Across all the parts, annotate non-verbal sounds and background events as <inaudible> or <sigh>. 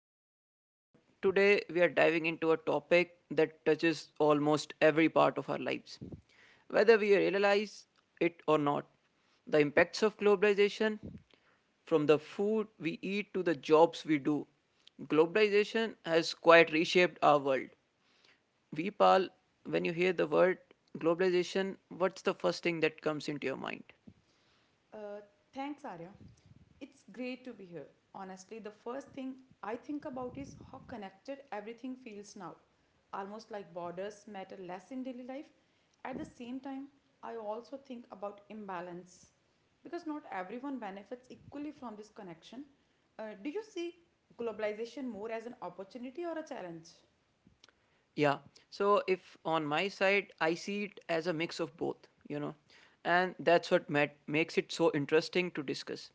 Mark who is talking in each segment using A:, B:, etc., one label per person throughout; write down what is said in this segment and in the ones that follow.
A: podcast, everyone. Today, we are diving into a topic that touches almost every part of our lives. Whether we realize it or not, the impacts of globalization, from the food we eat to the jobs we do, globalization has quite reshaped our world. Vipal, when you hear the word globalization, what's the first thing that comes into your mind?
B: Uh, Thanks, Arya. It's great to be here. Honestly, the first thing I think about is how connected everything feels now. Almost like borders matter less in daily life. At the same time, I also think about imbalance because not everyone benefits equally from this connection. Do you see globalization more as an opportunity or a challenge?
A: Yeah. So if on my side, I see it as a mix of both, you know, and that's what makes it so interesting to discuss.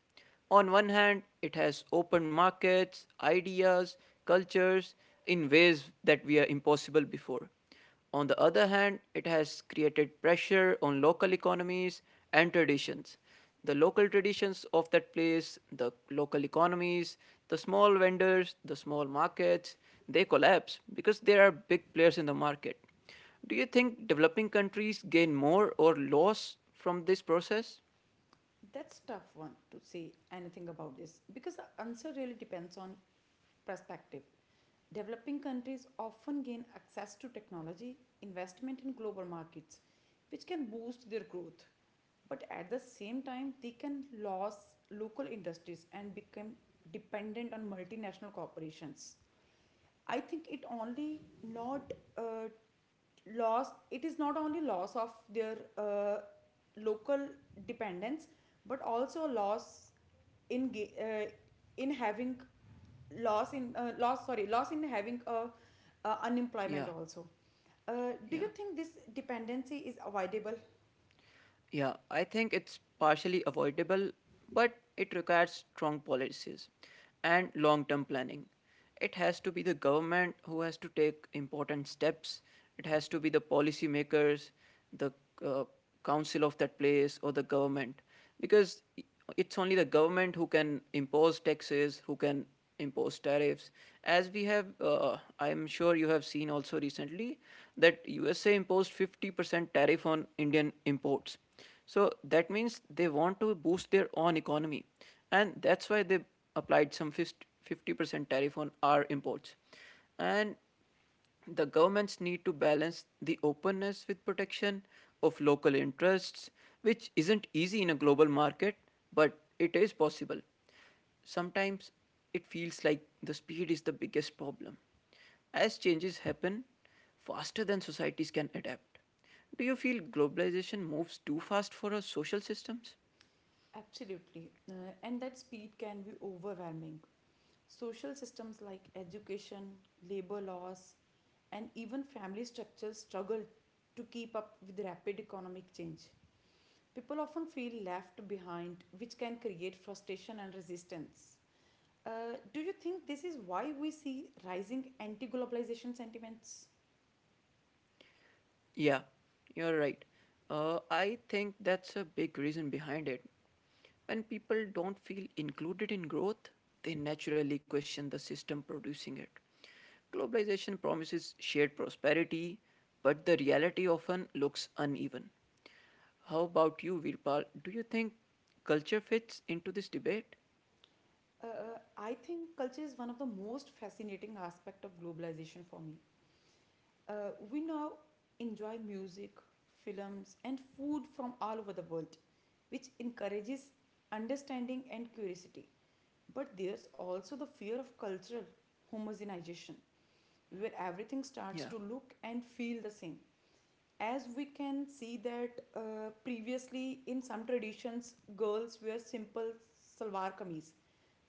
A: On one hand, it has open markets, ideas, cultures in ways that were impossible before. On the other hand, it has created pressure on local economies and traditions. The local traditions of that place, the local economies, the small vendors, the small markets, they collapse because there are big players in the market. Do you think developing countries gain more or loss from this process?
B: That's tough one to say anything about this because the answer really depends on perspective. Developing countries often gain access to technology, investment in global markets, which can boost their growth. But at the same time, they can lose local industries and become dependent on multinational corporations. I think it only not uh, loss. It is not only loss of their local dependence, but also loss in ga- uh, in having loss in having a unemployment
A: Yeah,
B: also. Do you
A: yeah.
B: think this dependency is avoidable?
A: Yeah, I think it's partially avoidable, but it requires strong policies and long term planning. It has to be the government who has to take important steps, it has to be the policymakers, the uh, council of that place, or the government, because it's only the government who can impose taxes, who can impose tariffs as we have I'm sure you have seen also recently that USA imposed 50% tariff on Indian imports, so that means they want to boost their own economy, and that's why they applied some 50% tariff on our imports. And the governments need to balance the openness with protection of local interests, which isn't easy in a global market, but it is possible. Sometimes it feels like the speed is the biggest problem. As changes happen faster than societies can adapt, do you feel globalization moves too fast for our social systems?
B: Absolutely. And that speed can be overwhelming. Social systems like education, labor laws, and even family structures struggle to keep up with rapid economic change. People often feel left behind, which can create frustration and resistance. Do you think this is why we see rising anti globalization sentiments?
A: Yeah, you're right. I think that's a big reason behind it. When people don't feel included in growth, they naturally question the system producing it. Globalization promises shared prosperity, but the reality often looks uneven. How about you, Virpal? Do you think culture fits into this debate?
B: I think culture is one of the most fascinating aspect of globalization for me. We now enjoy music, films, and food from all over the world, which encourages understanding and curiosity. But there's also the fear of cultural homogenization, where everything starts
A: Yeah.
B: to look and feel the same as we can see that previously in some traditions girls wear simple salwar kameez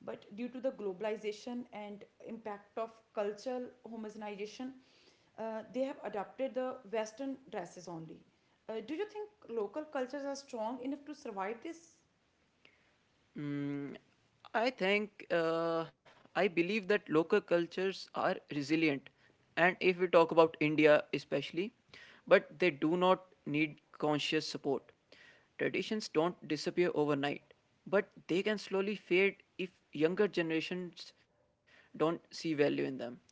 B: but due to the globalization and impact of cultural homogenization they have adopted the western dresses only. Do you think local cultures are strong enough to survive this?
A: Mm, I think uh, I believe that local cultures are resilient, and if we talk about India especially, but they do not need conscious support. Traditions don't disappear overnight, but they can slowly fade if younger generations don't see value in them.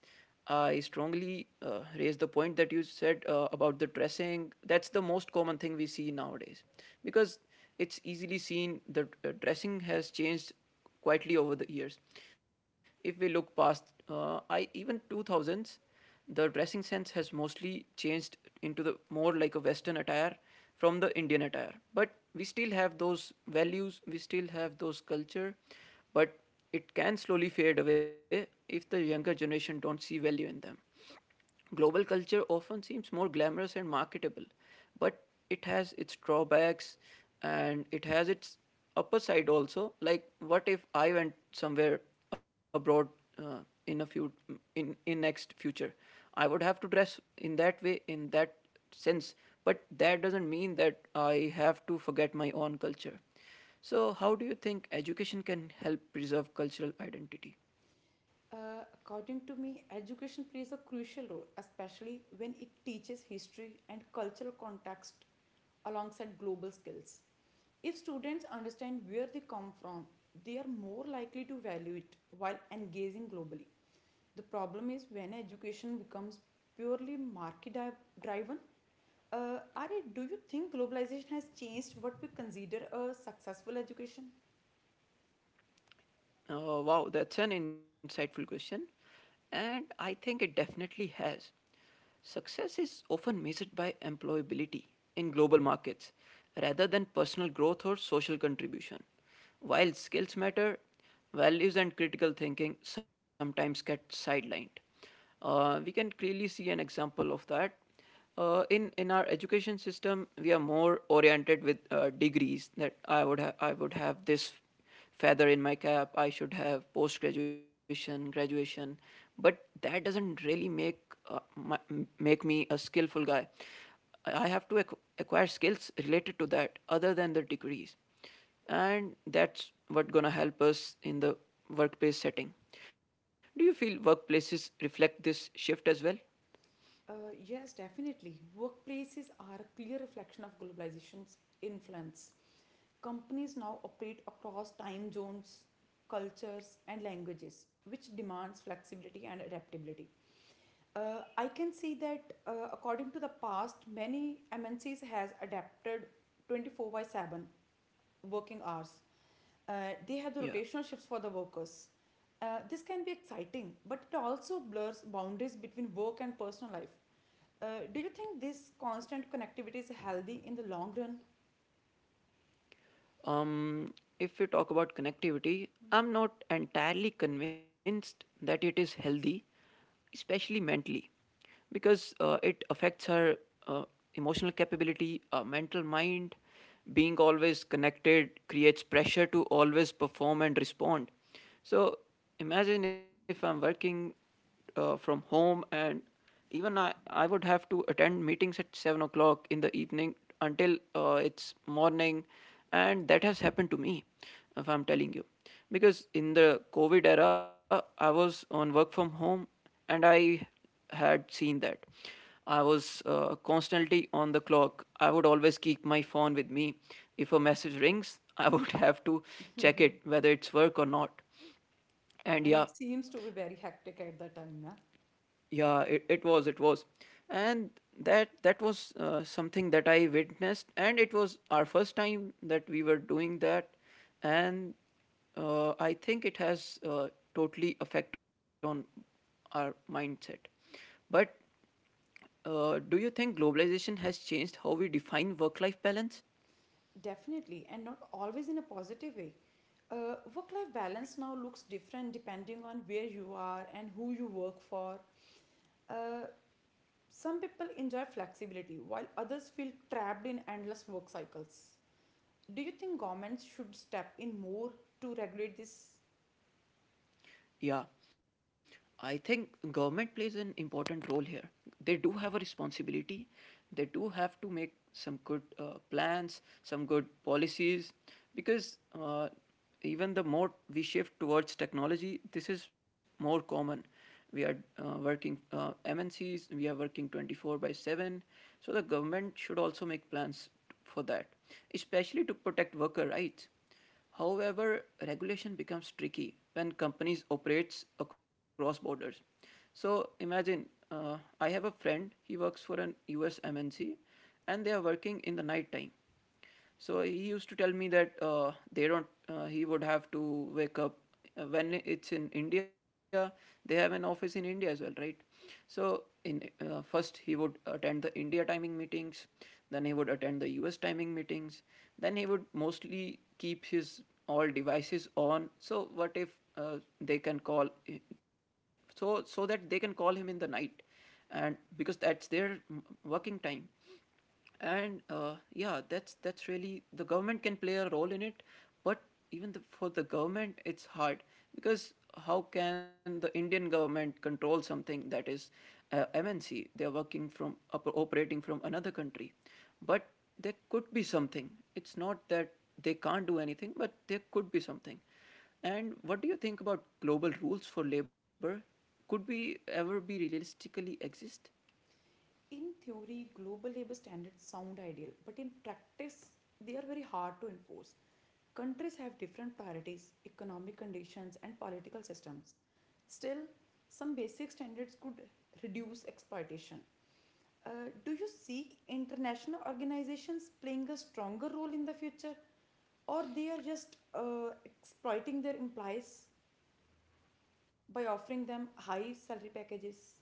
A: I strongly raise the point that you said about the dressing. That's the most common thing we see nowadays because it's easily seen that dressing has changed quietly over the years. If we look past, I even 2000s. The dressing sense has mostly changed into the more like a Western attire from the Indian attire. But we still have those values, we still have those culture, but it can slowly fade away if the younger generation don't see value in them. Global culture often seems more glamorous and marketable, but it has its drawbacks and it has its upper side also. Like, what if I went somewhere abroad uh, in a few in next future? I would have to dress in that way in that sense, but that doesn't mean that I have to forget my own culture. So, how do you think education can help preserve cultural identity?
B: According to me, education plays a crucial role, especially when it teaches history and cultural context alongside global skills. If students understand where they come from, they are more likely to value it while engaging globally. The problem is when education becomes purely driven. Ari, do you think globalization has changed what we consider a successful education?
A: Wow, that's an insightful question. And I think it definitely has. Success is often measured by employability in global markets rather than personal growth or social contribution. While skills matter, values and critical thinking sometimes get sidelined. We can clearly see an example of that. In our education system, we are more oriented with degrees that I would have this feather in my cap. I should have post graduation graduation, but that doesn't really make uh, my, make me a skillful guy. I have to acquire skills related to that other than the degrees, and that's what gonna help us in the workplace setting. Do you feel workplaces reflect this shift as well?
B: Yes, definitely. Workplaces are a clear reflection of globalization's influence. Companies now operate across time zones, cultures, and languages, which demands flexibility and adaptability. I can see that according to the past, many MNCs has adapted 24 by 7 working hours. They have the
A: Yeah.
B: rotational shifts for the workers. This can be exciting, but it also blurs boundaries between work and personal life. Do you think this constant connectivity is healthy in the long run?
A: Um, if we talk about connectivity, I'm not entirely convinced that it is healthy, especially mentally, because it affects her uh, emotional capability, mental mind. Being always connected creates pressure to always perform and respond. So imagine if I'm working from home, and even I would have to attend meetings at 7 o'clock in the evening until it's morning. And that has happened to me, if I'm telling you. Because in the COVID era, I was on work from home and I had seen that. I was constantly on the clock. I would always keep my phone with me. If a message rings, I would <laughs> have to check it whether it's work or not.
B: <laughs>
A: And
B: And
A: yeah,
B: it seems to be very hectic at the time, na?
A: yeah, it, it was And that was something that I witnessed, and it was our first time that we were doing that. And I think it has totally effect on our mindset. But do you think globalization has changed how we define work life balance?
B: Definitely, and not always in a positive way. Work life balance now looks different depending on where you are and who you work for. Uh, Some people enjoy flexibility while others feel trapped in endless work cycles. Do you think governments should step in more to regulate this?
A: Yeah, I think government plays an important role here. They do have a responsibility. They do have to make some good plans, some good policies, because even the more we shift towards technology, this is more common. We are working MNCs. We are working 24/7. So the government should also make plans for that, especially to protect worker rights. However, regulation becomes tricky when companies operates across borders. So imagine I have a friend, he works for an US MNC, and they are working in the night time. So he used to tell me that they don't. He would have to wake up when it's in India, they have an office in India as well, right? So in first he would attend the India timing meetings, then he would attend the US timing meetings, then he would mostly keep his all devices on. So what if they can call, so that they can call him in the night, and because that's their working time. And yeah, that's really the government can play a role in it. But for the government it's hard, because how can the Indian government control something that is MNC, they're working from operating from another country? But there could be something. It's not that they can't do anything, but there could be something. And what do you think about global rules for labor? Could we ever be realistically exist?
B: In theory, global labor standards sound ideal, but in practice, they are very hard to enforce. Countries have different priorities, economic conditions, and political systems. Still, some basic standards could reduce exploitation. Do you see international organizations playing a stronger role in the future, or they are just exploiting their employees by offering them high salary packages?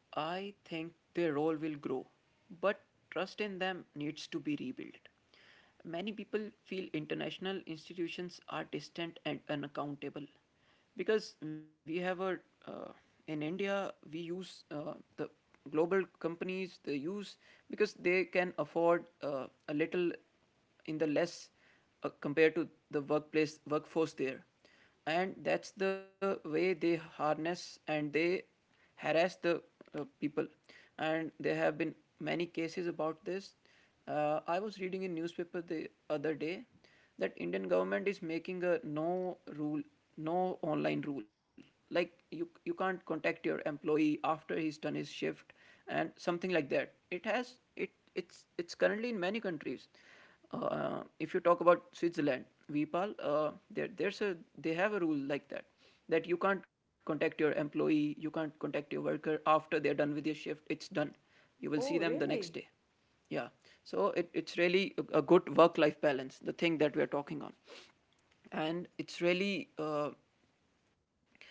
A: I think their role will grow, but trust in them needs to be rebuilt. Many people feel international institutions are distant and unaccountable, because we have a uh, in India we use the global companies they use because they can afford a little in the less compared to the workplace workforce there, and that's the way they harness and they harass the people. And there have been many cases about this. I was reading in newspaper the other day that Indian government is making a no rule, no online rule, like you can't contact your employee after he's done his shift. And something like that. It has it it's it's currently in many countries. Uh, if you talk about Switzerland, Vipal, there there's a they have a rule like that, that you can't contact your employee, you can't contact your worker after they're done with your shift. It's done. You will see
B: Oh,
A: them the next day.
B: really?
A: Yeah. So it's really a good work life balance, the thing that we're talking on. And it's really uh,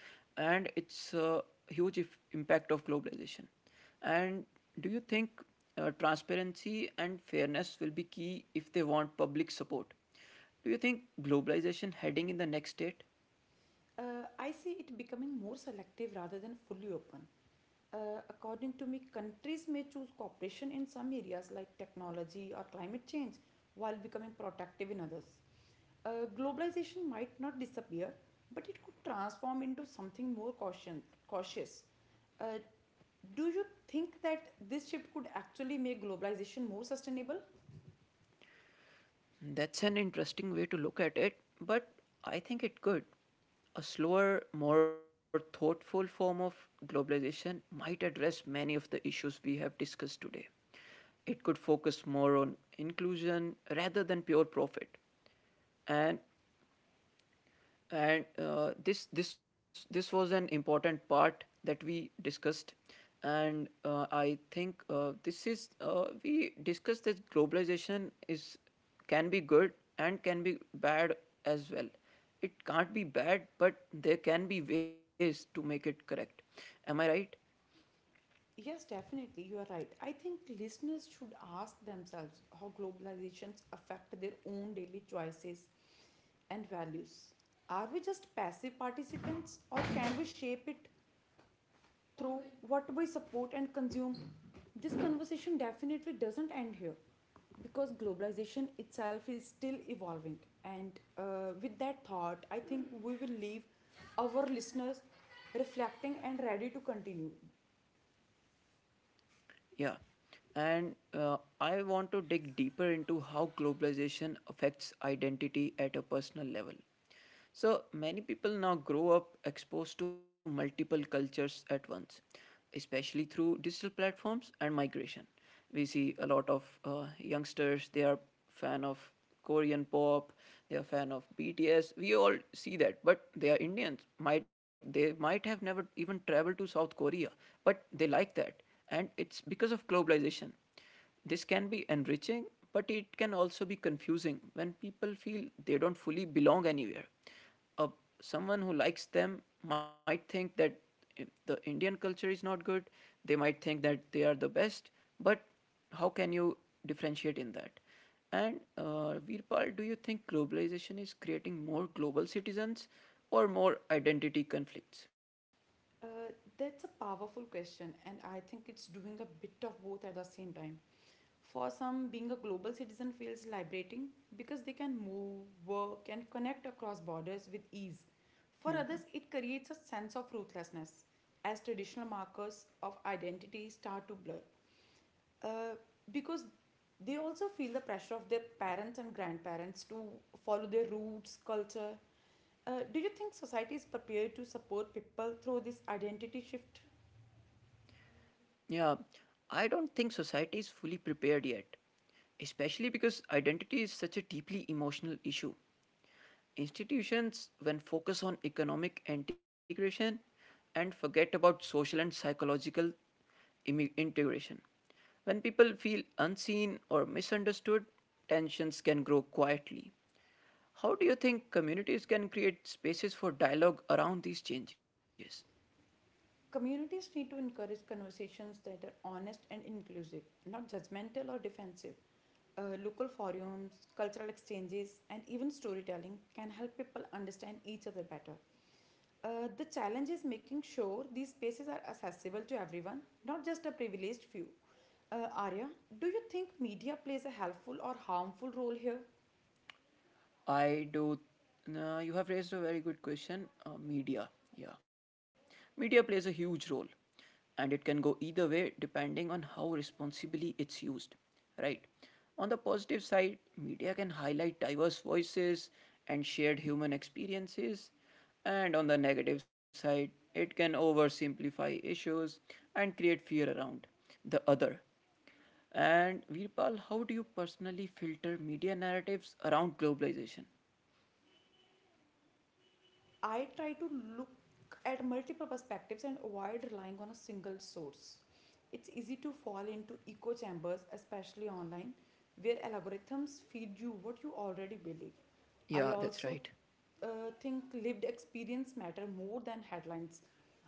A: and it's a huge impact of globalization. And do you think transparency and fairness will be key if they want public support? Do you think globalization heading in the next state?
B: I see it becoming more selective rather than fully open. According to me, countries may choose cooperation in some areas like technology or climate change while becoming protective in others. Globalization might not disappear, but it could transform into something more cautious. Uh, do you think that this shift could actually make globalization more sustainable?
A: That's an interesting way to look at it, but I think it could. A slower, more thoughtful form of globalization might address many of the issues we have discussed today. It could focus more on inclusion rather than pure profit. and and this was an important part that we discussed, and I think this is we discussed that globalization is can be good and can be bad as well. It can't be bad, but there can be ways to make it correct. Am I right?
B: Yes, definitely. You are right. I think listeners should ask themselves how globalizations affect their own daily choices and values. Are we just passive participants or can we shape it through what we support and consume? This conversation definitely doesn't end here because globalization itself is still evolving. And with that thought, I think we will leave our listeners reflecting and ready to continue.
A: Yeah. And I want to dig deeper into how globalization affects identity at a personal level. So many people now grow up exposed to multiple cultures at once, especially through digital platforms and migration. We see a lot of youngsters. They are fan of korean pop, they are fan of bts. We all see that, but they are indians might, they might have never even traveled to south korea, but they like that, and it's because of globalization. This can be enriching, but it can also be confusing when people feel they don't fully belong anywhere. Uh, Someone who likes them might think that the Indian culture is not good, they might think that they are the best, but how can you differentiate in that? And Veerpal, do you think globalization is creating more global citizens or more identity conflicts?
B: Uh, that's a powerful question, and I think it's doing a bit of both at the same time. For some, being a global citizen feels liberating because they can move, work, and connect across borders with ease. For others, it creates a sense of ruthlessness as traditional markers of identity start to blur, uh, because they also feel the pressure of their parents and grandparents to follow their roots, culture. Do you think society is prepared to support people through this identity shift?
A: Yeah, I don't think society is fully prepared yet, especially because identity is such a deeply emotional issue. Institutions, when focus on economic integration and forget about social and psychological integration, when people feel unseen or misunderstood, tensions can grow quietly. How do you think communities can create spaces for dialogue around these changes?
B: Communities need to encourage conversations that are honest and inclusive, not judgmental or defensive. Local forums, cultural exchanges, and even storytelling can help people understand each other better. The challenge is making sure these spaces are accessible to everyone, not just a privileged few. Arya, do you think media plays a helpful or harmful role here?
A: I do. You have raised a very good question. Media, yeah, media plays a huge role, and it can go either way depending on how responsibly it's used. Right. On the positive side, media can highlight diverse voices and shared human experiences, and on the negative side, it can oversimplify issues and create fear around the other. And Virpal, how do you personally filter media narratives around globalization?
B: I try to look at multiple perspectives and avoid relying on a single source. It's easy to fall into echo chambers, especially online, where algorithms feed you what you already believe. I
A: Yeah, that's
B: also
A: right.
B: think lived experience matter more than headlines,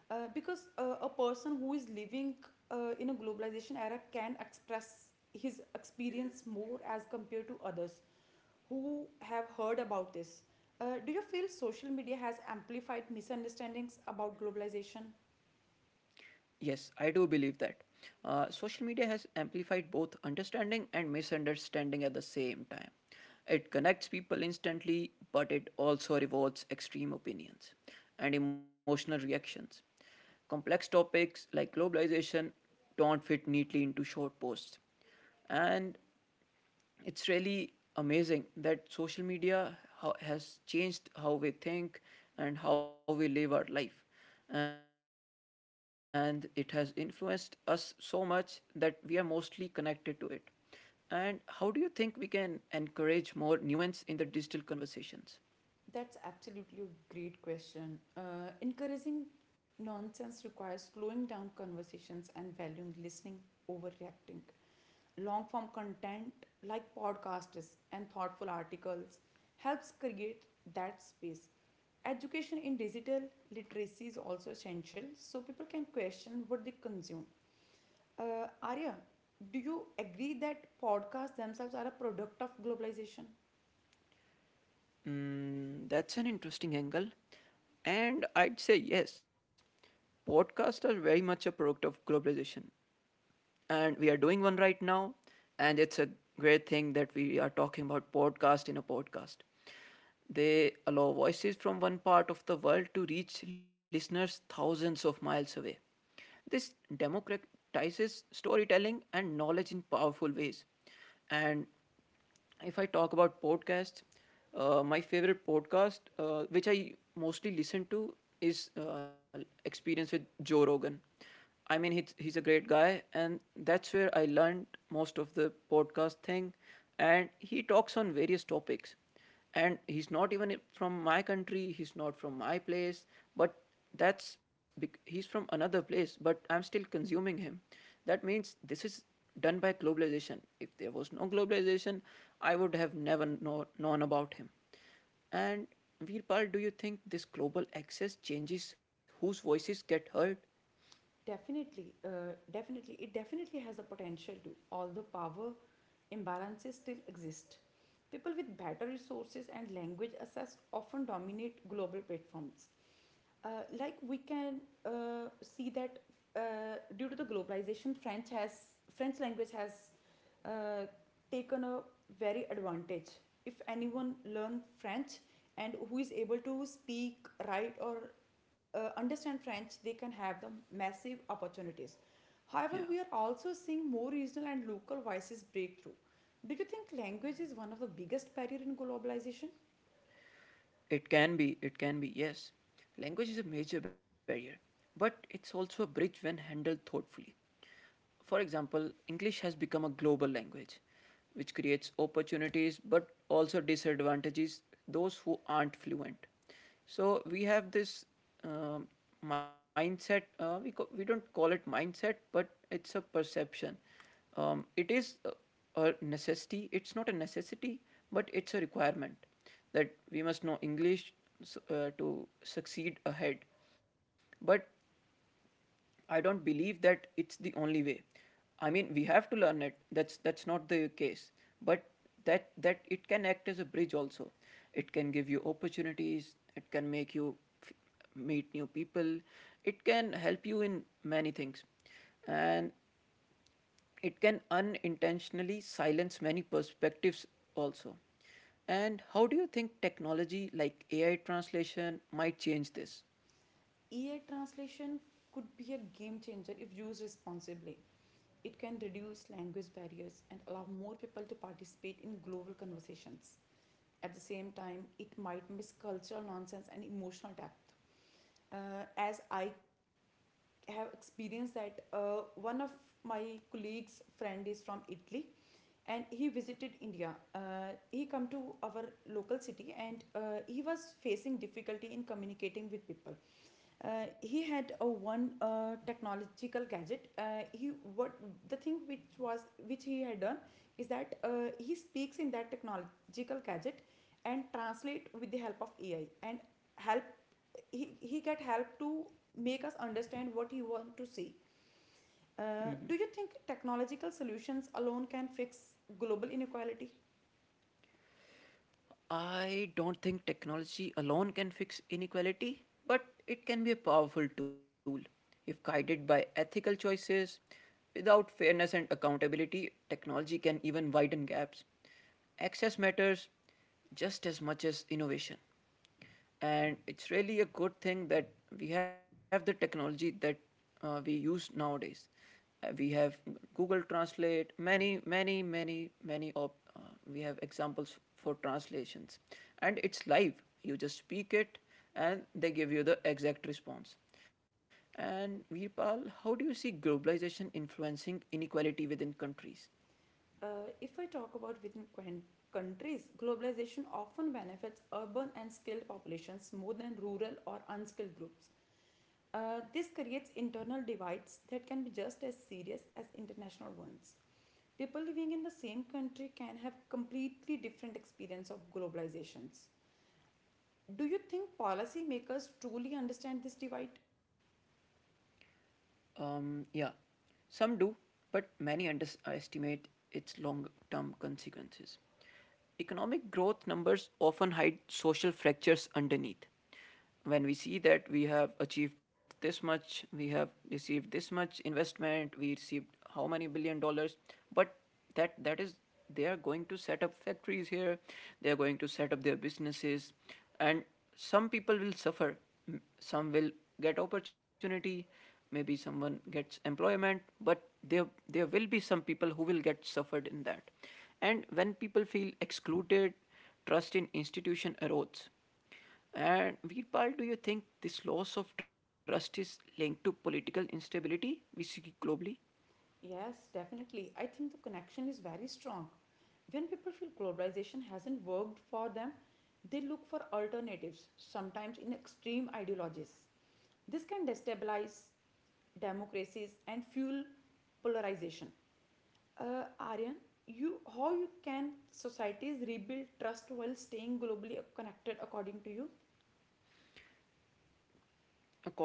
B: because a person who is living in a globalization era can express his experience more as compared to others who have heard about this. Do you feel social media has amplified misunderstandings about globalization?
A: Yes, I do believe that. Social media has amplified both understanding and misunderstanding at the same time. It connects people instantly, but it also rewards extreme opinions and emotional reactions. Complex topics like globalization don't fit neatly into short posts. And it's really amazing that social media has changed how we think and how we live our life, and it has influenced us so much that we are mostly connected to it. And how do you think we can encourage more nuance in the digital conversations?
B: That's absolutely a great question. Encouraging nonsense requires slowing down conversations and valuing listening over reacting. Long form content like podcasts and thoughtful articles helps create that space. Education in digital literacy is also essential so people can question what they consume. Arya, do you agree that podcasts themselves are a product of globalization?
A: Mm, that's an interesting angle, and I'd say yes, podcasts are very much a product of globalization, and we are doing one right now, and it's a great thing that we are talking about podcast in a podcast. They allow voices from one part of the world to reach listeners thousands of miles away. This democratizes storytelling and knowledge in powerful ways. And if I talk about podcasts, my favorite podcast, which I mostly listen to, is Experience with Joe Rogan. I mean, he's a great guy, and that's where I learned most of the podcast thing. And he talks on various topics, and he's not even from my country, he's not from my place, but that's, he's from another place, but I'm still consuming him. That means this is done by globalization. If there was no globalization, I would have never known about him. And Veerpal, do you think this global access changes whose voices get heard?
B: Definitely, it definitely has the potential to, although power imbalances still exist. People with better resources and language access often dominate global platforms. Like we can see that due to the globalization, French language has uh, taken a very advantage. If anyone learn French and who is able to speak, write, or understand French, they can have the massive opportunities. However,
A: Yeah.
B: we are also seeing more regional and local voices break through. Do you think language is one of the biggest barrier in globalization?
A: It can be, yes. Language is a major barrier, but it's also a bridge when handled thoughtfully. For example, English has become a global language, which creates opportunities but also disadvantages those who aren't fluent. So we have this um mindset. We don't call it mindset, but it's a perception. It is a necessity, it's not a necessity, but it's a requirement that we must know english, to succeed ahead. But I don't believe that it's the only way. I mean, we have to learn it, that's not the case, but that it can act as a bridge also. It can give you opportunities, it can make you f- meet new people, it can help you in many things, and it can unintentionally silence many perspectives also. And how do you think technology like AI translation might change this?
B: AI translation could be a game changer if used responsibly. It can reduce language barriers and allow more people to participate in global conversations. At the same time, it might miss cultural nonsense and emotional depth. As I have experienced that one of my colleagues friend is from Italy and he visited India. He come to our local city and he was facing difficulty in communicating with people. He had a one technological gadget. He what The thing which was which he had done is that he speaks in that technological gadget and translate with the help of AI and help he get help to make us understand what he want to see. Do you think technological solutions alone can fix global inequality?
A: I don't think technology alone can fix inequality, but it can be a powerful tool. If guided by ethical choices, without fairness and accountability, technology can even widen gaps. Access matters just as much as innovation. And it's really a good thing that we have the technology that we use nowadays. We have google translate, many many many of uh, we have examples for translations, and it's live. You just speak it, and they give you the exact response. And Virpal, how do you see globalization influencing inequality within countries?
B: If I talk about within countries globalization often benefits urban and skilled populations more than rural or unskilled groups. This creates internal divides that can be just as serious as international ones. People living in the same country can have completely different experience of globalizations. Do you think policymakers truly understand this divide?
A: Yeah, some do, but many underestimate its long term consequences. Economic growth numbers often hide social fractures underneath. When we see that we have achieved this much, we have received this much investment, we received how many billion dollars, but that is, they are going to set up factories here, they are going to set up their businesses, and some people will suffer, some will get opportunity. Maybe someone gets employment, but there will be some people who will get suffered in that. And when people feel excluded, trust in institution erodes. And Veerpal, do you think this loss of trust is linked to political instability we see globally?
B: Yes, definitely. I think the connection is very strong. When people feel globalization hasn't worked for them, they look for alternatives, sometimes in extreme ideologies. This can destabilize democracies and fuel polarization. Aryan, you how you can societies rebuild trust while staying globally connected according to you?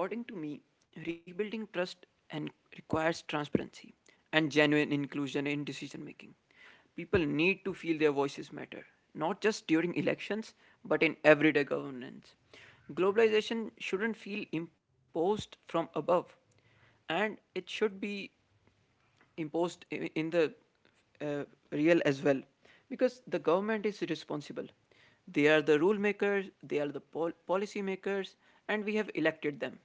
A: According to me, rebuilding trust and requires transparency and genuine inclusion in decision making. People need to feel their voices matter, not just during elections, but in everyday governance. Globalization shouldn't feel imposed from above, and it should be imposed in the uh, real as well, because the government is responsible. They are the rule makers, they are the policy makers, and we have elected them.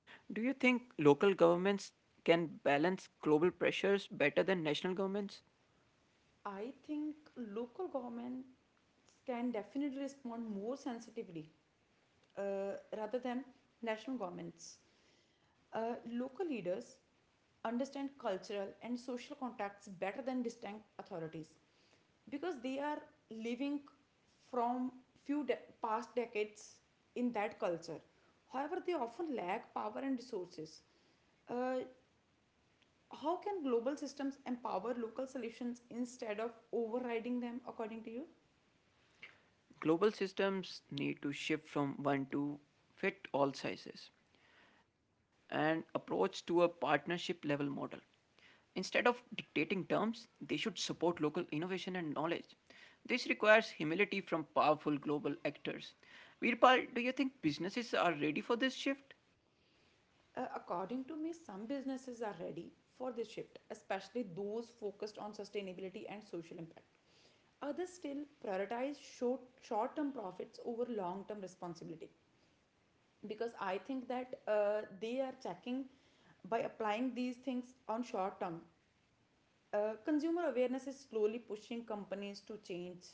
A: Do you think local governments can balance global pressures better than national governments?
B: I think local governments can definitely respond more sensitively, rather than national governments. Local leaders understand cultural and social contacts better than distinct authorities because they are living from few de- past decades in that culture. However, they often lack power and resources. Uh, how can global systems empower local solutions instead of overriding them, according to you?
A: Global systems need to shift from one to fit all sizes and approach to a partnership level model. Instead of dictating terms, they should support local innovation and knowledge. This requires humility from powerful global actors. Virpal, do you think businesses are ready for this shift?
B: According to me, some businesses are ready for this shift, especially those focused on sustainability and social impact. Others still prioritize short term profits over long term responsibility because I think that they are checking by applying these things on short term. Consumer awareness is slowly pushing companies to change.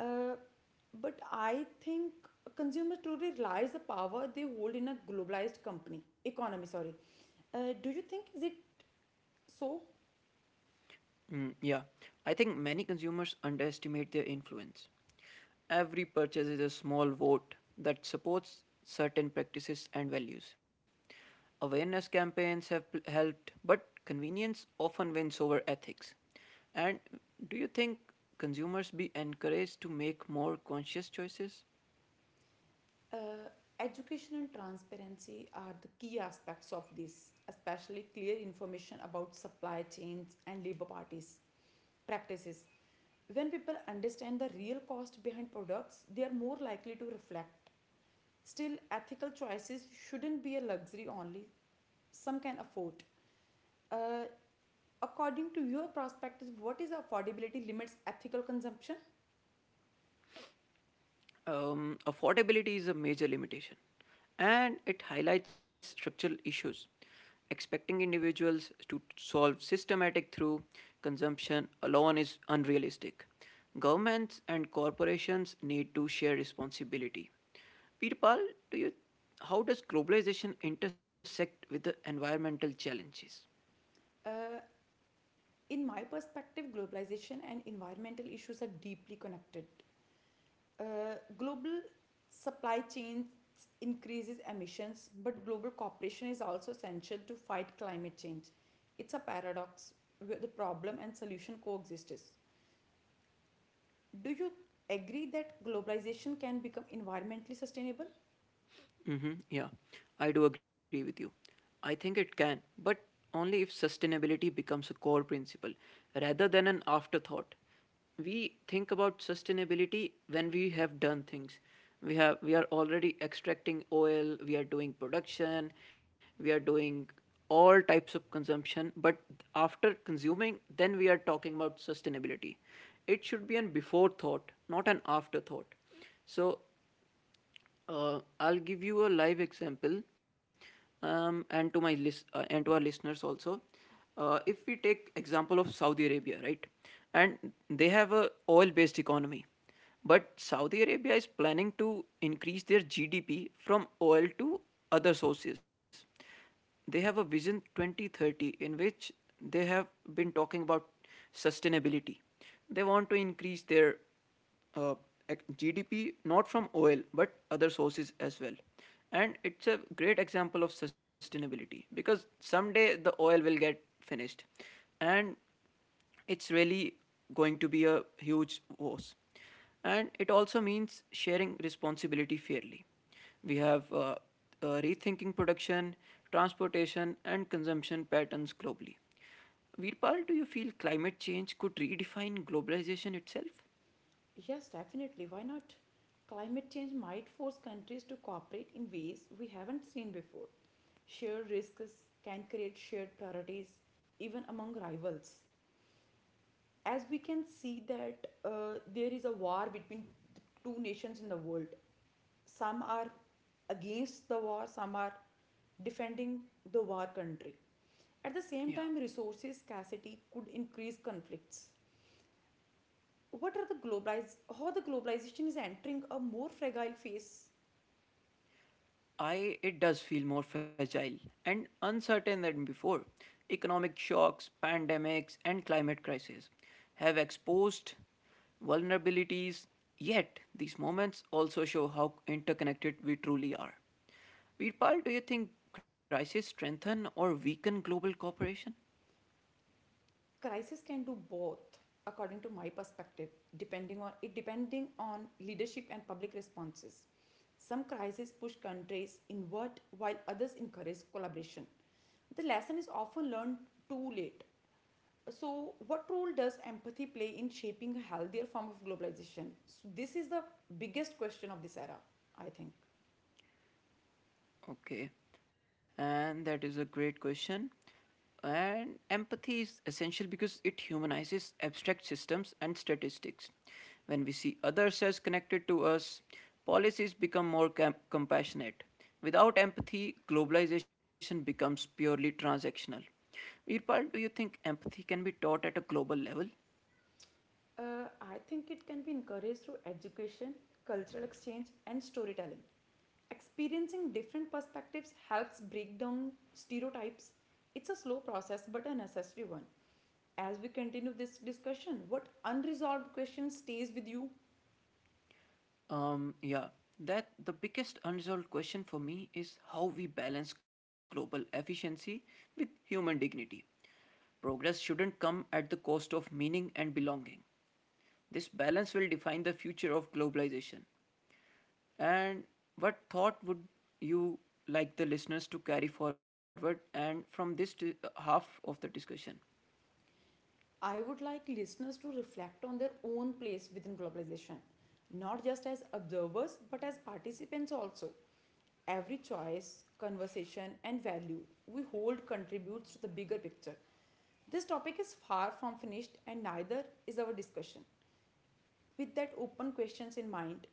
B: Uh, but I think consumers truly realize the power they hold in a globalized company economy. Sorry, do you think is it so?
A: Mm, yeah, I think many consumers underestimate their influence. Every purchase is a small vote that supports certain practices and values. Awareness campaigns have helped, but convenience often wins over ethics. And do you think consumers be encouraged to make more conscious choices?
B: Uh, Education and transparency are the key aspects of this, especially clear information about supply chains and labor parties practices. When people understand the real cost behind products, they are more likely to reflect. Still, ethical choices shouldn't be a luxury only some can afford. Uh, According to your perspective, what is affordability limits ethical consumption?
A: Affordability is a major limitation, and it highlights structural issues. Expecting individuals to solve systematic through consumption alone is unrealistic. Governments and corporations need to share responsibility. Peter Paul, do you, how does globalization intersect with the environmental challenges?
B: Uh, in my perspective, globalization and environmental issues are deeply connected. Global supply chains increases emissions, but global cooperation is also essential to fight climate change. It's a paradox where the problem and solution coexist. Do you agree that globalization can become environmentally sustainable?
A: Hmm. Yeah, I do agree with you. I think it can, but only if sustainability becomes a core principle rather than an afterthought. We think about sustainability when we have done things. We are already extracting oil, we are doing production, we are doing all types of consumption, but after consuming, then we are talking about sustainability. It should be an before thought, not an afterthought. So I'll give you a live example, and to my list and to our listeners also. If we take example of Saudi Arabia, right, and they have a oil-based economy, but Saudi Arabia is planning to increase their GDP from oil to other sources. They have a vision 2030 in which they have been talking about sustainability. They want to increase their uh, GDP not from oil but other sources as well. And it's a great example of sustainability because someday the oil will get finished, and it's really going to be a huge loss. And it also means sharing responsibility fairly. We have rethinking production, transportation, and consumption patterns globally. Veerpal, do you feel climate change could redefine globalization itself?
B: Yes, definitely. Why not? Climate change might force countries to cooperate in ways we haven't seen before. Shared risks can create shared priorities, even among rivals. As we can see that there is a war between the two nations in the world. Some are against the war, some are defending the war country. At the
A: Yeah.
B: same time, resources scarcity could increase conflicts. What are the globalize how the globalization is entering a more fragile phase.
A: I, it does feel more fragile and uncertain than before. Economic shocks, pandemics, and climate crises have exposed vulnerabilities. Yet these moments also show how interconnected we truly are. Veerpal, do you think crises strengthen or weaken global cooperation?
B: Crisis can do both, according to my perspective, depending on leadership and public responses. Some crises push countries inward while others encourage collaboration. The lesson is often learned too late. So what role does empathy play in shaping a healthier form of globalization? So this is the biggest question of this era, I think.
A: Okay, and that is a great question. And empathy is essential because it humanizes abstract systems and statistics. When we see others as connected to us, policies become more compassionate. Without empathy, globalization becomes purely transactional. Veerpal, do you think empathy can be taught at a global level?
B: I think it can be encouraged through education, cultural exchange, and storytelling. Experiencing different perspectives helps break down stereotypes. It's a slow process but a necessary one. As we continue this discussion, what unresolved question stays with you?
A: Yeah, that the biggest unresolved question for me is how we balance global efficiency with human dignity. Progress shouldn't come at the cost of meaning and belonging. This balance will define the future of globalization. And what thought would you like the listeners to carry forward and from this half of the discussion?
B: I would like listeners to reflect on their own place within globalization, not just as observers but as participants also. Every choice, conversation, and value we hold contributes to the bigger picture. This topic is far from finished and neither is our discussion. With that open questions in mind,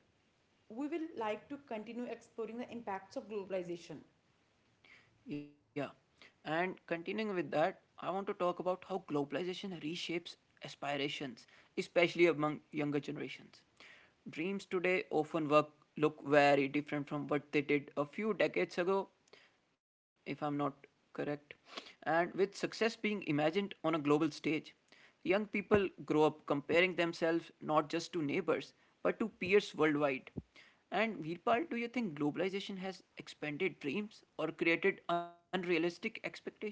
B: we will like to continue exploring the impacts of globalization.
A: Yeah. And continuing with that, I want to talk about how globalization reshapes aspirations, especially among younger generations. Dreams today often work look very different from what they did a few decades ago, if I'm not correct. And with success being imagined on a global stage, young people grow up comparing themselves not just to neighbors but to peers worldwide. And Veerpal, do you think globalization has expanded dreams or created unrealistic expectations?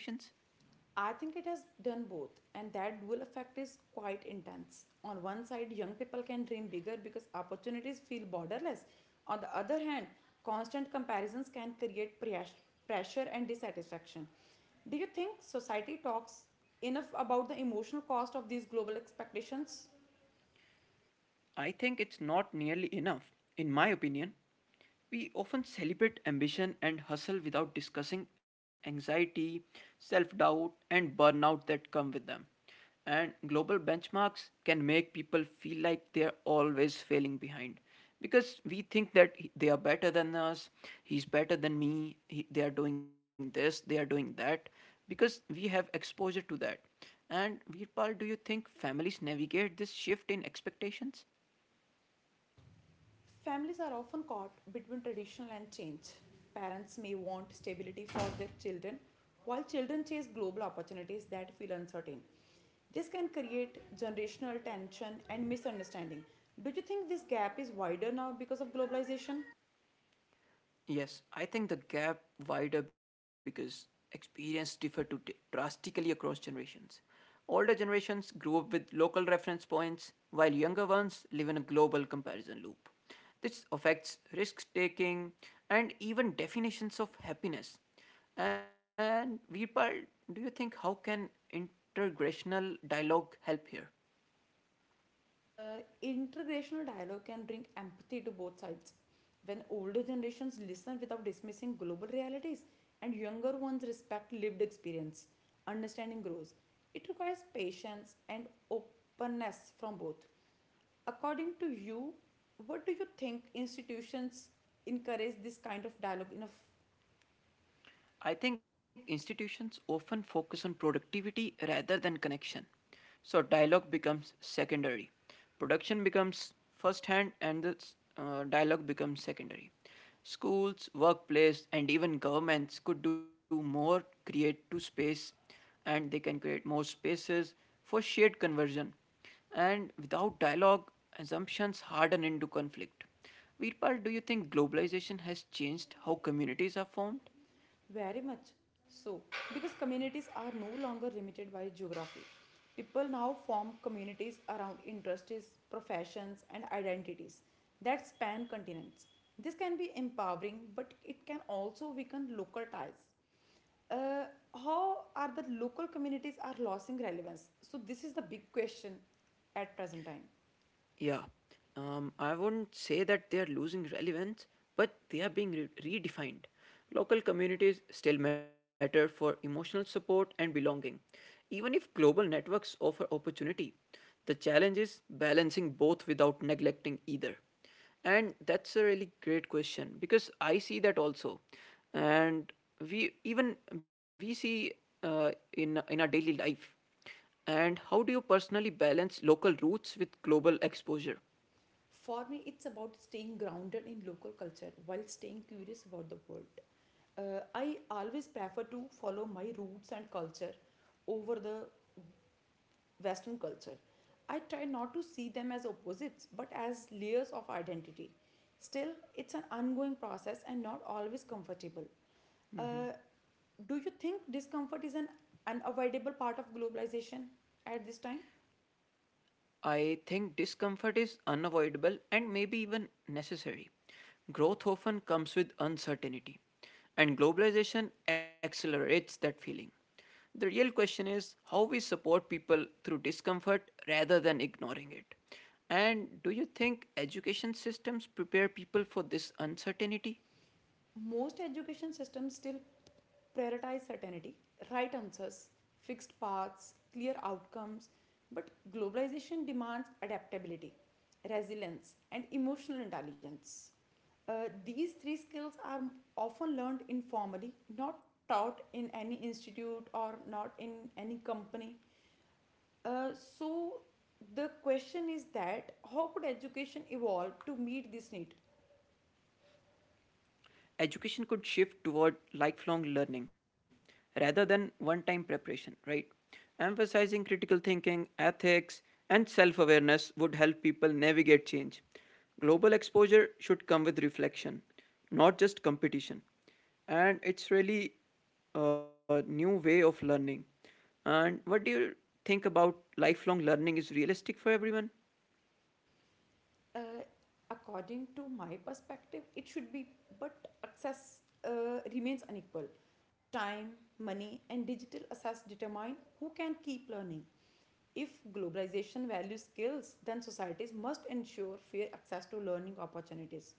B: I think it has done both, and that dual effect is quite intense. On one side, young people can dream bigger because opportunities feel borderless. On the other hand, constant comparisons can create pressure and dissatisfaction. Do you think society talks enough about the emotional cost of these global expectations?
A: I think it's not nearly enough, in my opinion. We often celebrate ambition and hustle without discussing anxiety, self doubt, and burnout that come with them. And global benchmarks can make people feel like they're always failing behind, because we think that they are better than us, he's better than me, they are doing this, they are doing that, because we have exposure to that. And Veerpal, do you think families navigate this shift in expectations?
B: Families are often caught between tradition and change. Parents may want stability for their children, while children chase global opportunities that feel uncertain. This can create generational tension and misunderstanding. Do you think this gap is wider now because of globalization?
A: Yes, I think the gap wider because experience differ to drastically across generations. Older generations grew up with local reference points, while younger ones live in a global comparison loop. This affects risk taking and even definitions of happiness. And Virpal, do you think how can intergenerational dialogue help here?
B: Uh, Intergenerational dialogue can bring empathy to both sides. When older generations listen without dismissing global realities and younger ones respect lived experience, understanding grows. It requires patience and openness from both. According to you, what do you think, institutions encourage this kind of dialogue enough?
A: I think institutions often focus on productivity rather than connection. So dialogue becomes secondary. Production becomes first hand and the dialogue becomes secondary. Schools, workplace, and even governments could do more create to space and they can create more spaces for shared conversion. And without dialogue, assumptions harden into conflict. Veerpal, do you think globalization has changed how communities are formed?
B: Very much so, because communities are no longer limited by geography. People now form communities around interests, professions, and identities that span continents. This can be empowering, but it can also weaken local ties. Uh, how are the local communities are losing relevance? So this is the big question at present time.
A: Yeah, I wouldn't say that they are losing relevance, but they are being redefined. Local communities still matter for emotional support and belonging, even if global networks offer opportunity. The challenge is balancing both without neglecting either. And that's a really great question because I see that also. And we even we see in our daily life, and how do you personally balance local roots with global exposure?
B: For me, it's about staying grounded in local culture while staying curious about the world. I always prefer to follow my roots and culture over the Western culture. I try not to see them as opposites but as layers of identity. Still, it's an ongoing process and not always comfortable. Uh, do you think discomfort is an unavoidable part of globalization at this time?
A: I think discomfort is unavoidable and maybe even necessary. Growth often comes with uncertainty, and globalization accelerates that feeling. The real question is how we support people through discomfort rather than ignoring it. And do you think education systems prepare people for this uncertainty?
B: Most education systems still prioritize certainty, right answers, fixed paths, clear outcomes, but globalization demands adaptability, resilience, and emotional intelligence. These three skills are often learned informally, not taught in any institute or not in any company. Uh, so the question is that how could education evolve to meet this need?
A: Education could shift toward lifelong learning rather than one time preparation, right? Emphasizing critical thinking, ethics, and self awareness would help people navigate change. Global exposure should come with reflection, not just competition. And it's really a new way of learning. And what do you think about lifelong learning is realistic for everyone?
B: uh, According to my perspective, it should be, but access remains unequal. Time, money, and digital access determine who can keep learning. If globalization values skills, then societies must ensure fair access to learning opportunities.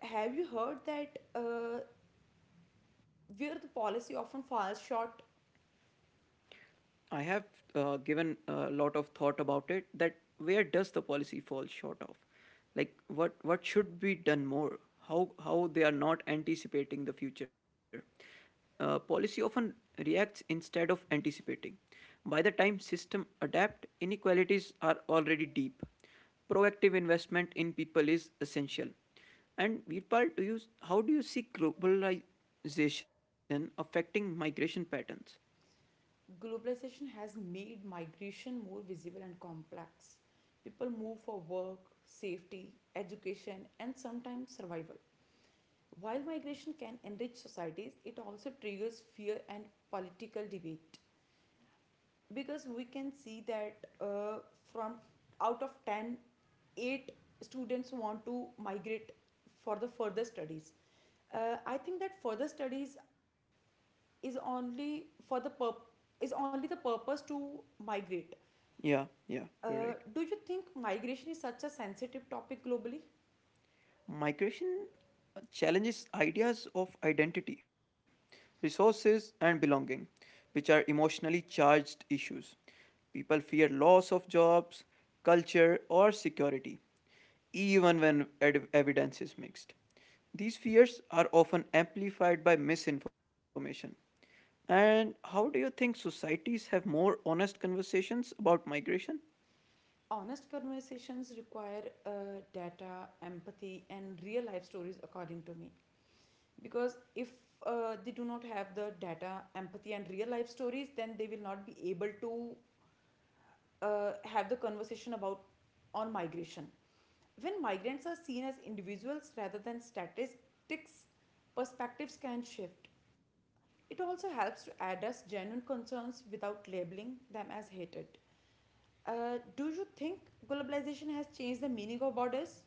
B: Have you heard that where the policy often falls short?
A: I have given a lot of thought about it that where does the policy fall short of? Like what should be done more? How they are not anticipating the future? Policy often reacts instead of anticipating. By the time system adapt, inequalities are already deep. Proactive investment in people is essential. And Veerpal, do you how do you see globalization affecting migration patterns?
B: Globalization has made migration more visible and complex. People move for work, safety, education, and sometimes survival. While migration can enrich societies, it also triggers fear and political debate. Because we can see that from out of 10, 8 students want to migrate for the further studies. I think that further studies is only for the purpose is only the purpose to migrate.
A: Yeah, yeah, you're right.
B: Do you think migration is such a sensitive topic globally?
A: Migration challenges ideas of identity, resources, and belonging, which are emotionally charged issues. People fear loss of jobs, culture, or security, even when evidence is mixed. These fears are often amplified by misinformation. And how do you think societies have more honest conversations about migration?
B: Honest conversations require data, empathy, and real life stories, according to me. Because if they do not have the data, empathy, and real life stories, then they will not be able to have the conversation about on migration. When migrants are seen as individuals rather than statistics, perspectives can shift. It also helps to address genuine concerns without labeling them as hatred. Do you think globalization has changed the meaning of borders?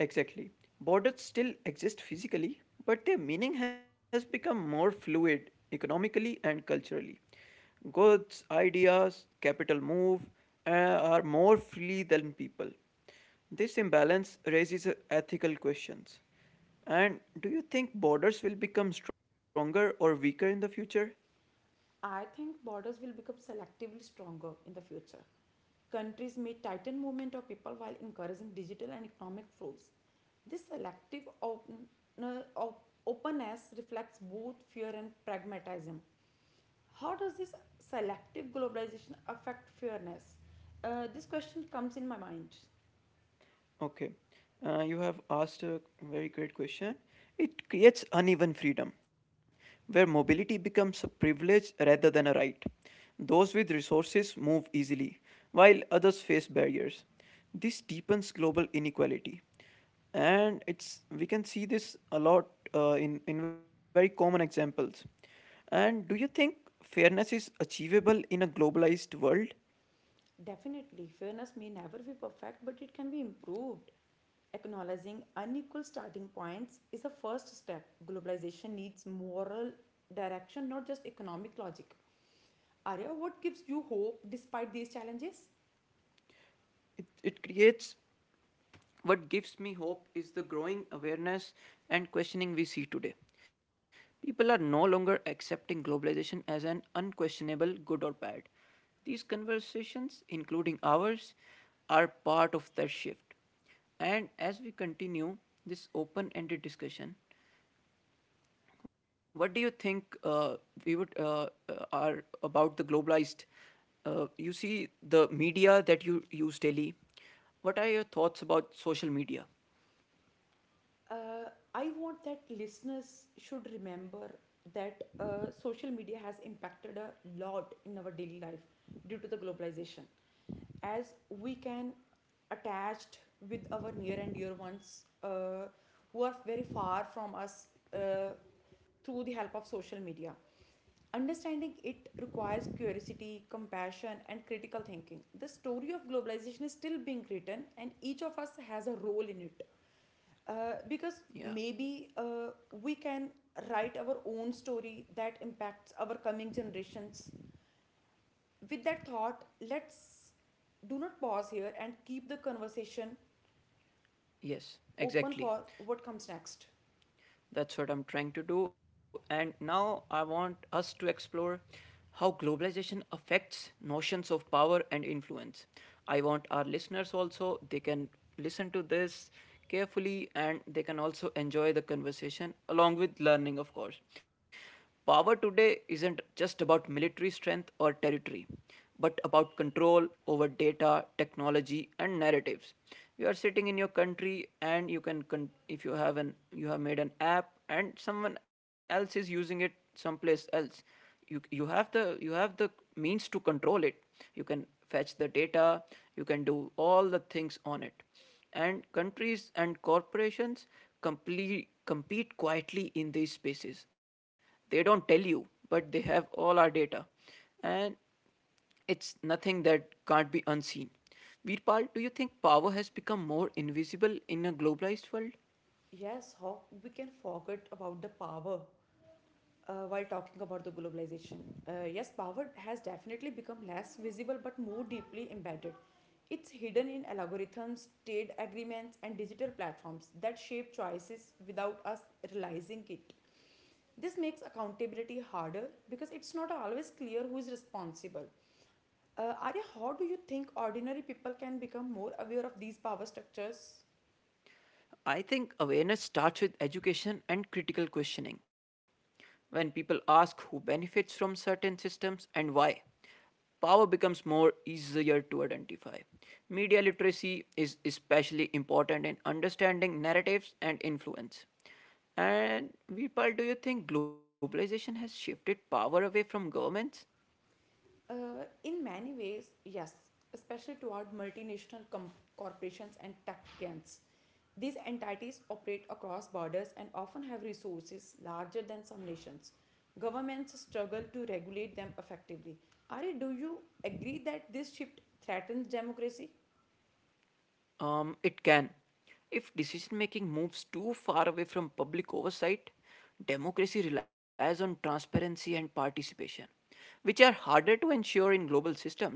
A: Exactly. Borders still exist physically, but their meaning has become more fluid economically and culturally. Goods, ideas, capital move uh, are more freely than people. This imbalance raises ethical questions. And do you think borders will become stronger or weaker in the future?
B: I think borders will become selectively stronger in the future. Countries may tighten movement of people while encouraging digital and economic flows. This selective openness reflects both fear and pragmatism. How does this selective globalization affect fairness? This question comes in my mind.
A: Okay. You have asked a very great question. It creates uneven freedom, where mobility becomes a privilege rather than a right. Those with resources move easily, while others face barriers. This deepens global inequality. And it's we can see this a lot in very common examples. And do you think fairness is achievable in a globalized world?
B: Definitely, fairness may never be perfect, but it can be improved. Acknowledging unequal starting points is a first step. Globalization needs moral direction, not just economic logic. Arya, what gives you hope despite these challenges?
A: It creates. What gives me hope is the growing awareness and questioning we see today. People are no longer accepting globalization as an unquestionable good or bad. These conversations, including ours, are part of that shift. And as we continue this open ended discussion, what do you think we would are about the globalized? You see the media that you use daily. What are your thoughts about social media?
B: uh, I want that listeners should remember that social media has impacted a lot in our daily life due to the globalization. As we can attached with our near and dear ones who are very far from us uh, through the help of social media. Understanding it requires curiosity, compassion, and critical thinking. The story of globalization is still being written, and each of us has a role in it, because
A: Yeah.
B: maybe we can write our own story that impacts our coming generations. With that thought, let's do not pause here and keep the conversation
A: Yes,
B: open
A: exactly.
B: for what comes next.
A: That's what I'm trying to do. And now I want us to explore how globalization affects notions of power and influence. I want our listeners also, they can listen to this carefully and they can also enjoy the conversation along with learning, of course. Power today isn't just about military strength or territory, but about control over data, technology, and narratives. You are sitting in your country, and you can, if you have an, you have made an app, and someone else is using it someplace else. You have the you have the means to control it. You can fetch the data. You can do all the things on it, and countries and corporations compete quietly in these spaces. They don't tell you, but they have all our data, and it's nothing that can't be unseen. Virpal, do you think power has become more invisible in a globalized world?
B: Yes, how we can forget about the power while talking about the globalization. Yes, power has definitely become less visible but more deeply embedded. It's hidden in algorithms, trade agreements, and digital platforms that shape choices without us realizing it. This makes accountability harder because it's not always clear who is responsible. Arya, how do you think ordinary people can become more aware of these power structures?
A: I think awareness starts with education and critical questioning. When people ask who benefits from certain systems and why, power becomes more easier to identify. Media literacy is especially important in understanding narratives and influence. And Veerpal, do you think globalization has shifted power away from governments?
B: In many ways, yes, especially toward corporations and tech giants. These entities operate across borders and often have resources larger than some nations. Governments struggle to regulate them effectively. Ari, do you agree that this shift threatens democracy?
A: It can. If decision making moves too far away from public oversight, democracy relies on transparency and participation, which are harder to ensure in global systems.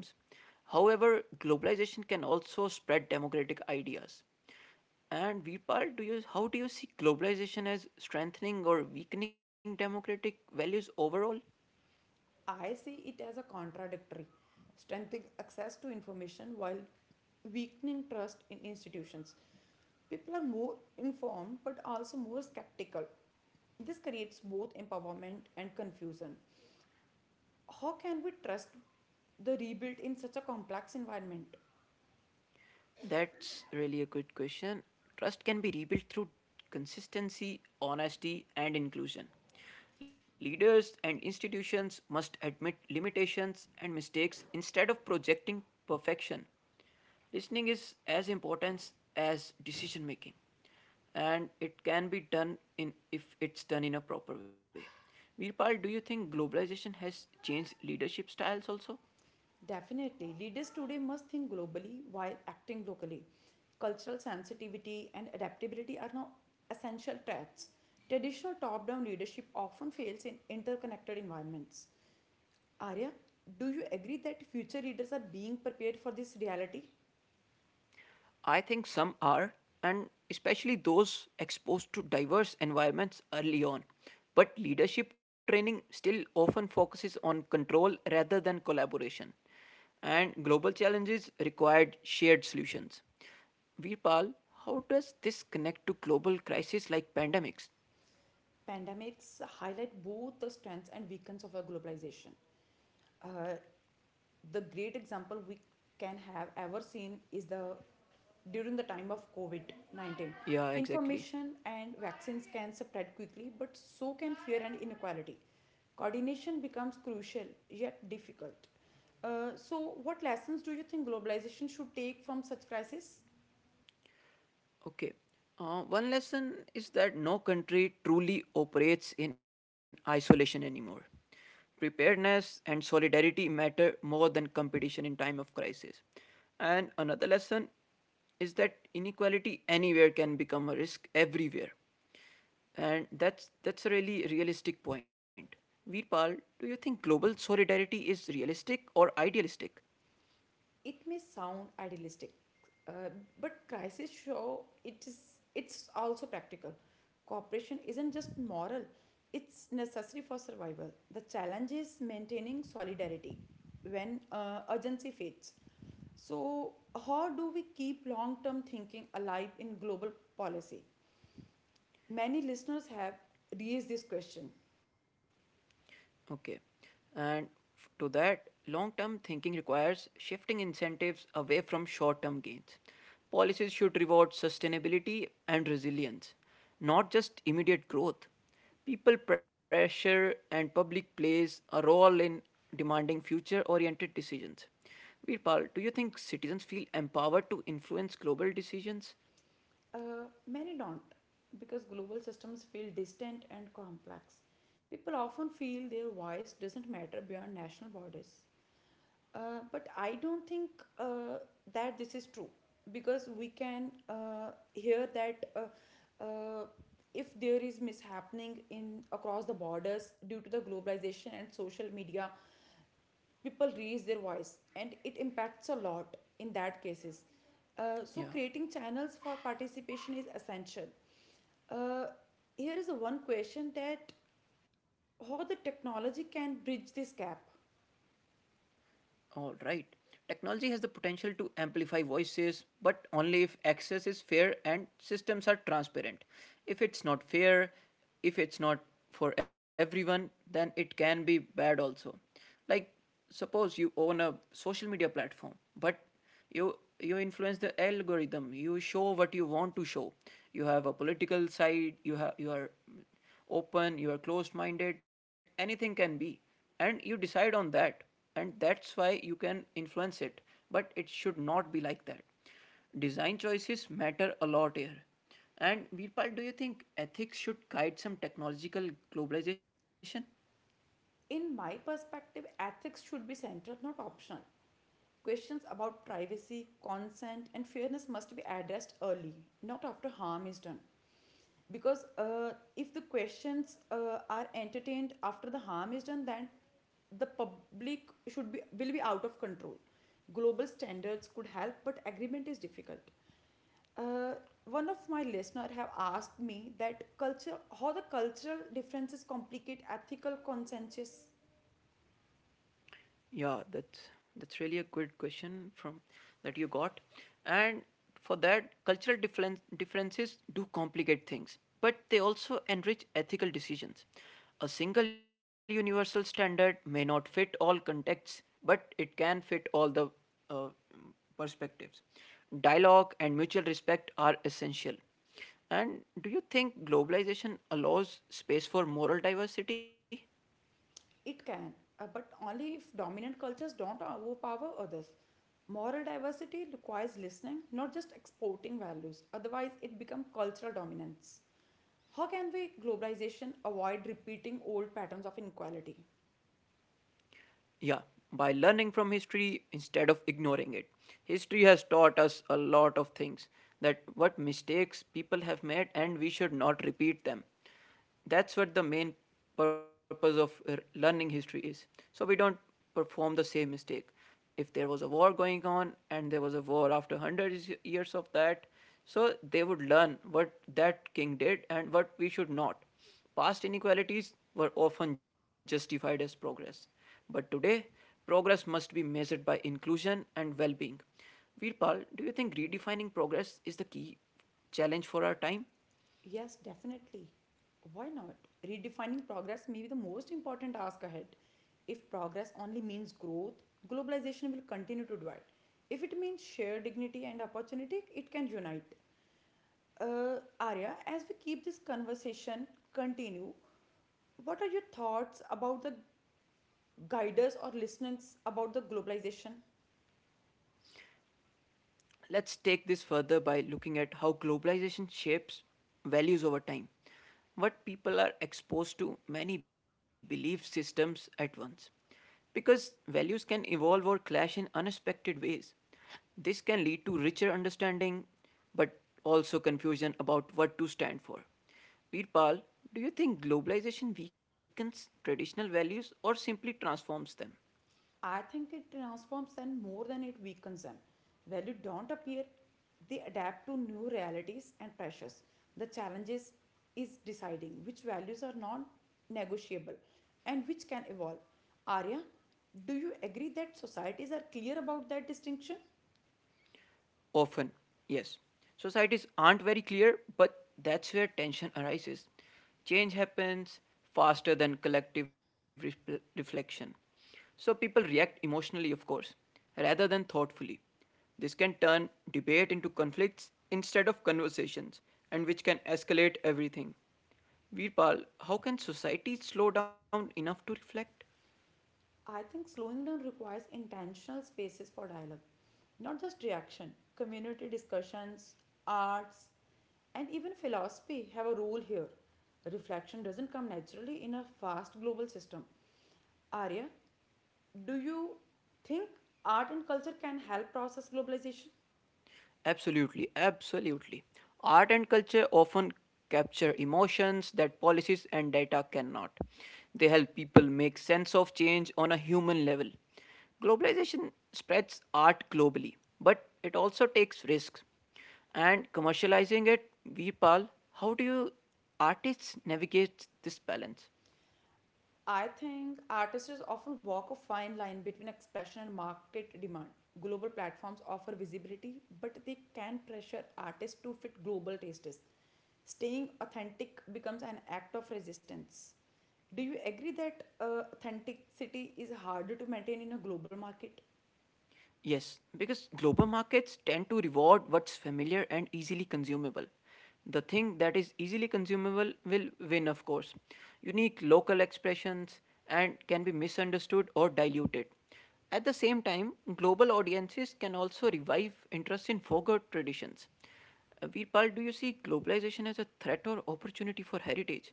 A: However, globalization can also spread democratic ideas. And Veerpal, do you how do you see globalization as strengthening or weakening democratic values overall?
B: I see it as a contradictory, strengthening access to information while weakening trust in institutions. People are more informed but also more skeptical. This creates both empowerment and confusion. How can we trust the rebuild in such a complex environment?
A: That's really a good question. Trust can be rebuilt through consistency, honesty, and inclusion. Leaders and institutions must admit limitations and mistakes instead of projecting perfection. Listening is as important as decision making, and it can be done in if it's done in a proper way. Virpal, do you think globalization has changed leadership styles also?
B: Definitely, leaders today must think globally while acting locally. Cultural sensitivity and adaptability are now essential traits. Traditional top down leadership often fails in interconnected environments. Arya, do you agree that future leaders are being prepared for this reality?
A: I think some are, and especially those exposed to diverse environments early on. But leadership training still often focuses on control rather than collaboration. And global challenges required shared solutions. Virpal, how does this connect to global crises like pandemics?
B: Pandemics highlight both the strengths and weaknesses of our globalization. Uh, the great example we can have ever seen is the during the time of COVID COVID-19.
A: Yeah, exactly.
B: Information and vaccines can spread quickly, but so can fear and inequality. Coordination becomes crucial yet difficult. So, what lessons do you think globalization should take from such crisis?
A: Okay. One lesson is that no country truly operates in isolation anymore. Preparedness and solidarity matter more than competition in time of crisis. And another lesson is that inequality anywhere can become a risk everywhere. And that's a really realistic point. Veerpal, do you think global solidarity is realistic or idealistic?
B: It may sound idealistic, uh, but crises show it is, it's also practical. Cooperation isn't just moral, it's necessary for survival. The challenge is maintaining solidarity when urgency fades. So how do we keep long term thinking alive in global policy? Many listeners have raised this question.
A: Okay. And to that, long term thinking requires shifting incentives away from short term gains. Policies should reward sustainability and resilience, not just immediate growth. People pressure and public plays are all in demanding future oriented decisions. Veerpal, do you think citizens feel empowered to influence global decisions?
B: Many don't, because global systems feel distant and complex. People often feel their voice doesn't matter beyond national borders. But I don't think uh, that this is true, because we can hear that if there is mishappening in across the borders due to the globalization and social media, people raise their voice and it impacts a lot in that cases. So
A: Yeah.
B: creating channels for participation is essential. uh, Here is a one question that how the technology can bridge this gap.
A: All right. Technology has the potential to amplify voices, but only if access is fair and systems are transparent. If it's not fair, if it's not for everyone, then it can be bad also. Like, suppose you own a social media platform, but you influence the algorithm, you show what you want to show. You have a political side, you have you are open, you are closed minded, anything can be, and you decide on that, and that's why you can influence it, but it should not be like that. Design choices matter a lot here. And Veerpal, do you think ethics should guide some technological globalization?
B: In my perspective, ethics should be central, not optional. Questions about privacy, consent, and fairness must be addressed early, not after harm is done. Because if the questions are entertained after the harm is done, then the public should be will be out of control. Global standards could help, but agreement is difficult. Uh, One of my listener have asked me that culture how the cultural differences complicate ethical consensus.
A: Yeah, that's really a good question from that you got, and for that, cultural differences do complicate things, but they also enrich ethical decisions. A single universal standard may not fit all contexts, but it can fit all the uh, perspectives. Dialogue and mutual respect are essential. And do you think globalization allows space for moral diversity?
B: It can, but only if dominant cultures don't overpower others. Moral diversity requires listening, not just exporting values. Otherwise, it becomes cultural dominance. How can we globalization avoid repeating old patterns of inequality?
A: Yeah, by learning from history instead of ignoring it. History has taught us a lot of things that what mistakes people have made and we should not repeat them. That's what the main purpose of learning history is. So we don't perform the same mistake. If there was a war going on and there was a war after hundreds years of that, so they would learn what that king did and what we should not. Past inequalities were often justified as progress, but today progress must be measured by inclusion and well being. Virpal, do you think redefining progress is the key challenge for our time?
B: Yes, definitely. Why not? Redefining progress may be the most important ask ahead. If progress only means growth, globalization will continue to divide. If it means shared dignity and opportunity, it can unite. Arya, as we keep this conversation continue, what are your thoughts about the guiders or listeners about the globalization?
A: Let's take this further by looking at how globalization shapes values over time. What people are exposed to many belief systems at once. Because values can evolve or clash in unexpected ways. This can lead to richer understanding, but also confusion about what to stand for. Veerpal, do you think globalization weakens traditional values or simply transforms them?
B: I think it transforms them more than it weakens them. Value don't appear; they adapt to new realities and pressures. The challenges is deciding which values are non-negotiable and which can evolve. Arya, do you agree that societies are clear about that distinction?
A: Often, yes. Societies aren't very clear, but that's where tension arises. Change happens faster than collective reflection. So people react emotionally, of course, rather than thoughtfully. This can turn debate into conflicts instead of conversations, and which can escalate everything. Veerpal, how can society slow down enough to reflect?
B: I think slowing down requires intentional spaces for dialogue, not just reaction. Community discussions, arts, and even philosophy have a role here. Reflection doesn't come naturally in a fast global system. Arya, do you think art and culture can help process globalization?
A: Absolutely, absolutely. Art and culture often capture emotions that policies and data cannot. They help people make sense of change on a human level. Globalization spreads art globally, but it also takes risks. And commercializing it, Veerpal, how do you artists navigate this balance?
B: I think artists often walk a fine line between expression and market demand. Global platforms offer visibility, but they can pressure artists to fit global tastes. Staying authentic becomes an act of resistance. Do you agree that authenticity is harder to maintain in a global market?
A: Yes, because global markets tend to reward what's familiar and easily consumable. The thing that is easily consumable will win, of course. Unique local expressions and can be misunderstood or diluted. At the same time, global audiences can also revive interest in forgot traditions. Veerpal, do you see globalization as a threat or opportunity for heritage?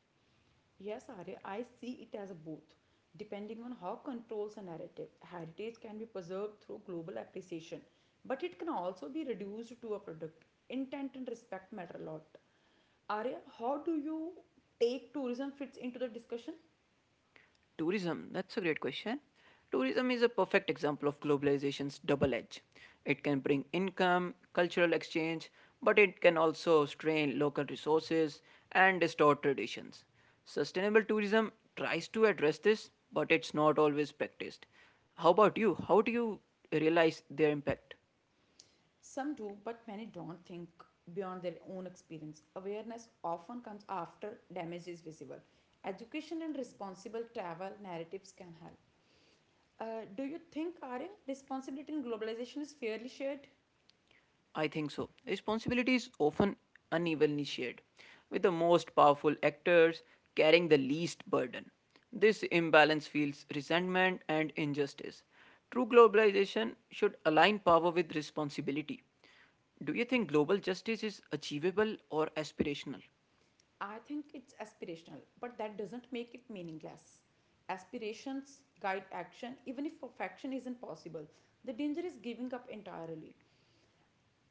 B: Yes, Arya, I see it as a both. Depending on how controls a narrative, heritage can be preserved through global appreciation, but it can also be reduced to a product. Intent and respect matter a lot. Arya, how do you take tourism fits into the discussion?
A: Tourism, that's a great question. Tourism is a perfect example of globalization's double edge. It can bring income, cultural exchange, but it can also strain local resources and distort traditions. Sustainable tourism tries to address this, but it's not always practiced. How about you? How do you realize their impact?
B: Some do, but many don't think beyond their own experience. Awareness often comes after damage is visible. Education and responsible travel narratives can help. Do you think, Arya, responsibility in globalization is fairly shared?
A: I think so. Responsibility is often unevenly shared, with the most powerful actors carrying the least burden. This imbalance fuels resentment and injustice. True globalization should align power with responsibility. Do you think global justice is achievable or aspirational?
B: I think it's aspirational, but that doesn't make it meaningless. Aspirations guide action, even if perfection isn't possible. The danger is giving up entirely.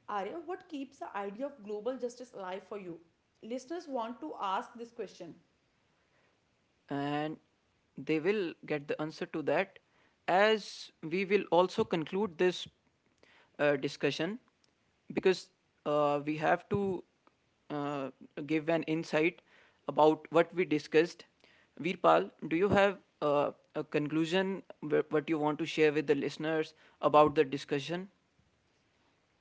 B: Arya, what keeps the idea of global justice alive for you? Listeners want to ask this question.
A: And they will get the answer to that as we will also conclude this discussion because we have to uh, give an insight about what we discussed. Veerpal, do you have a conclusion what you want to share with the listeners about the discussion?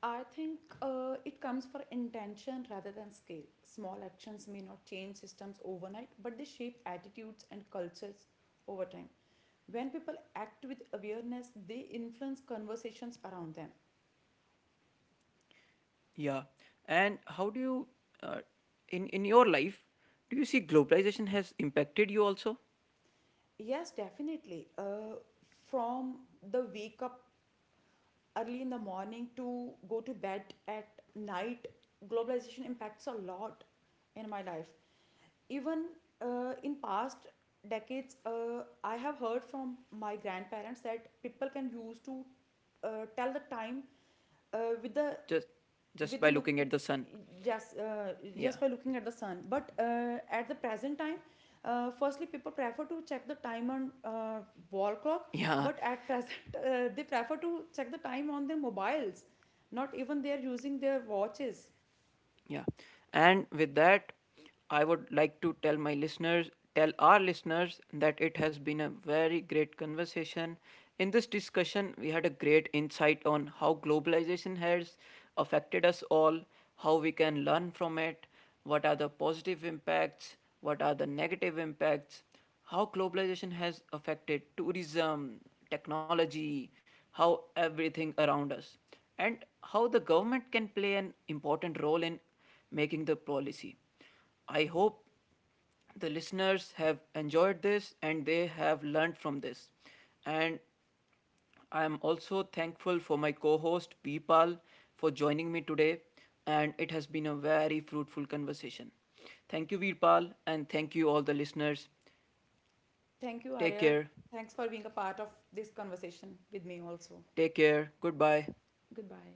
B: I think it comes for intention rather than scale. Small actions may not change systems overnight, but they shape attitudes and cultures over time. When people act with awareness, they influence conversations around them.
A: Yeah, and how do you, uh, in your life, do you see globalization has impacted you also?
B: Yes, definitely. From the wake up early in the morning to go to bed at night, globalization impacts a lot in my life. Even in past decades, I have heard from my grandparents that people can use to tell the time uh, with the
A: just just
B: with
A: by
B: the look,
A: looking at the sun.
B: just uh,
A: Yeah.
B: just by looking at the sun, but at the present time, firstly people prefer to check the time on, wall clock,
A: Yeah.
B: but at present <laughs> they prefer to check the time on their mobiles, not even they are using their watches.
A: Yeah. And with that, I would like to tell my listeners, tell our listeners that it has been a very great conversation. In this discussion, we had a great insight on how globalization has affected us all, how we can learn from it, what are the positive impacts, what are the negative impacts, how globalization has affected tourism, technology, how everything around us, and how the government can play an important role in making the policy. I hope the listeners have enjoyed this and they have learned from this. And I am also thankful for my co host Veerpal for joining me today. And it has been a very fruitful conversation. Thank you, Veerpal, and thank you, all the listeners.
B: Thank you, Arya.
A: Take care.
B: Thanks for being a part of this conversation with me also.
A: Take care. Goodbye.
B: Goodbye.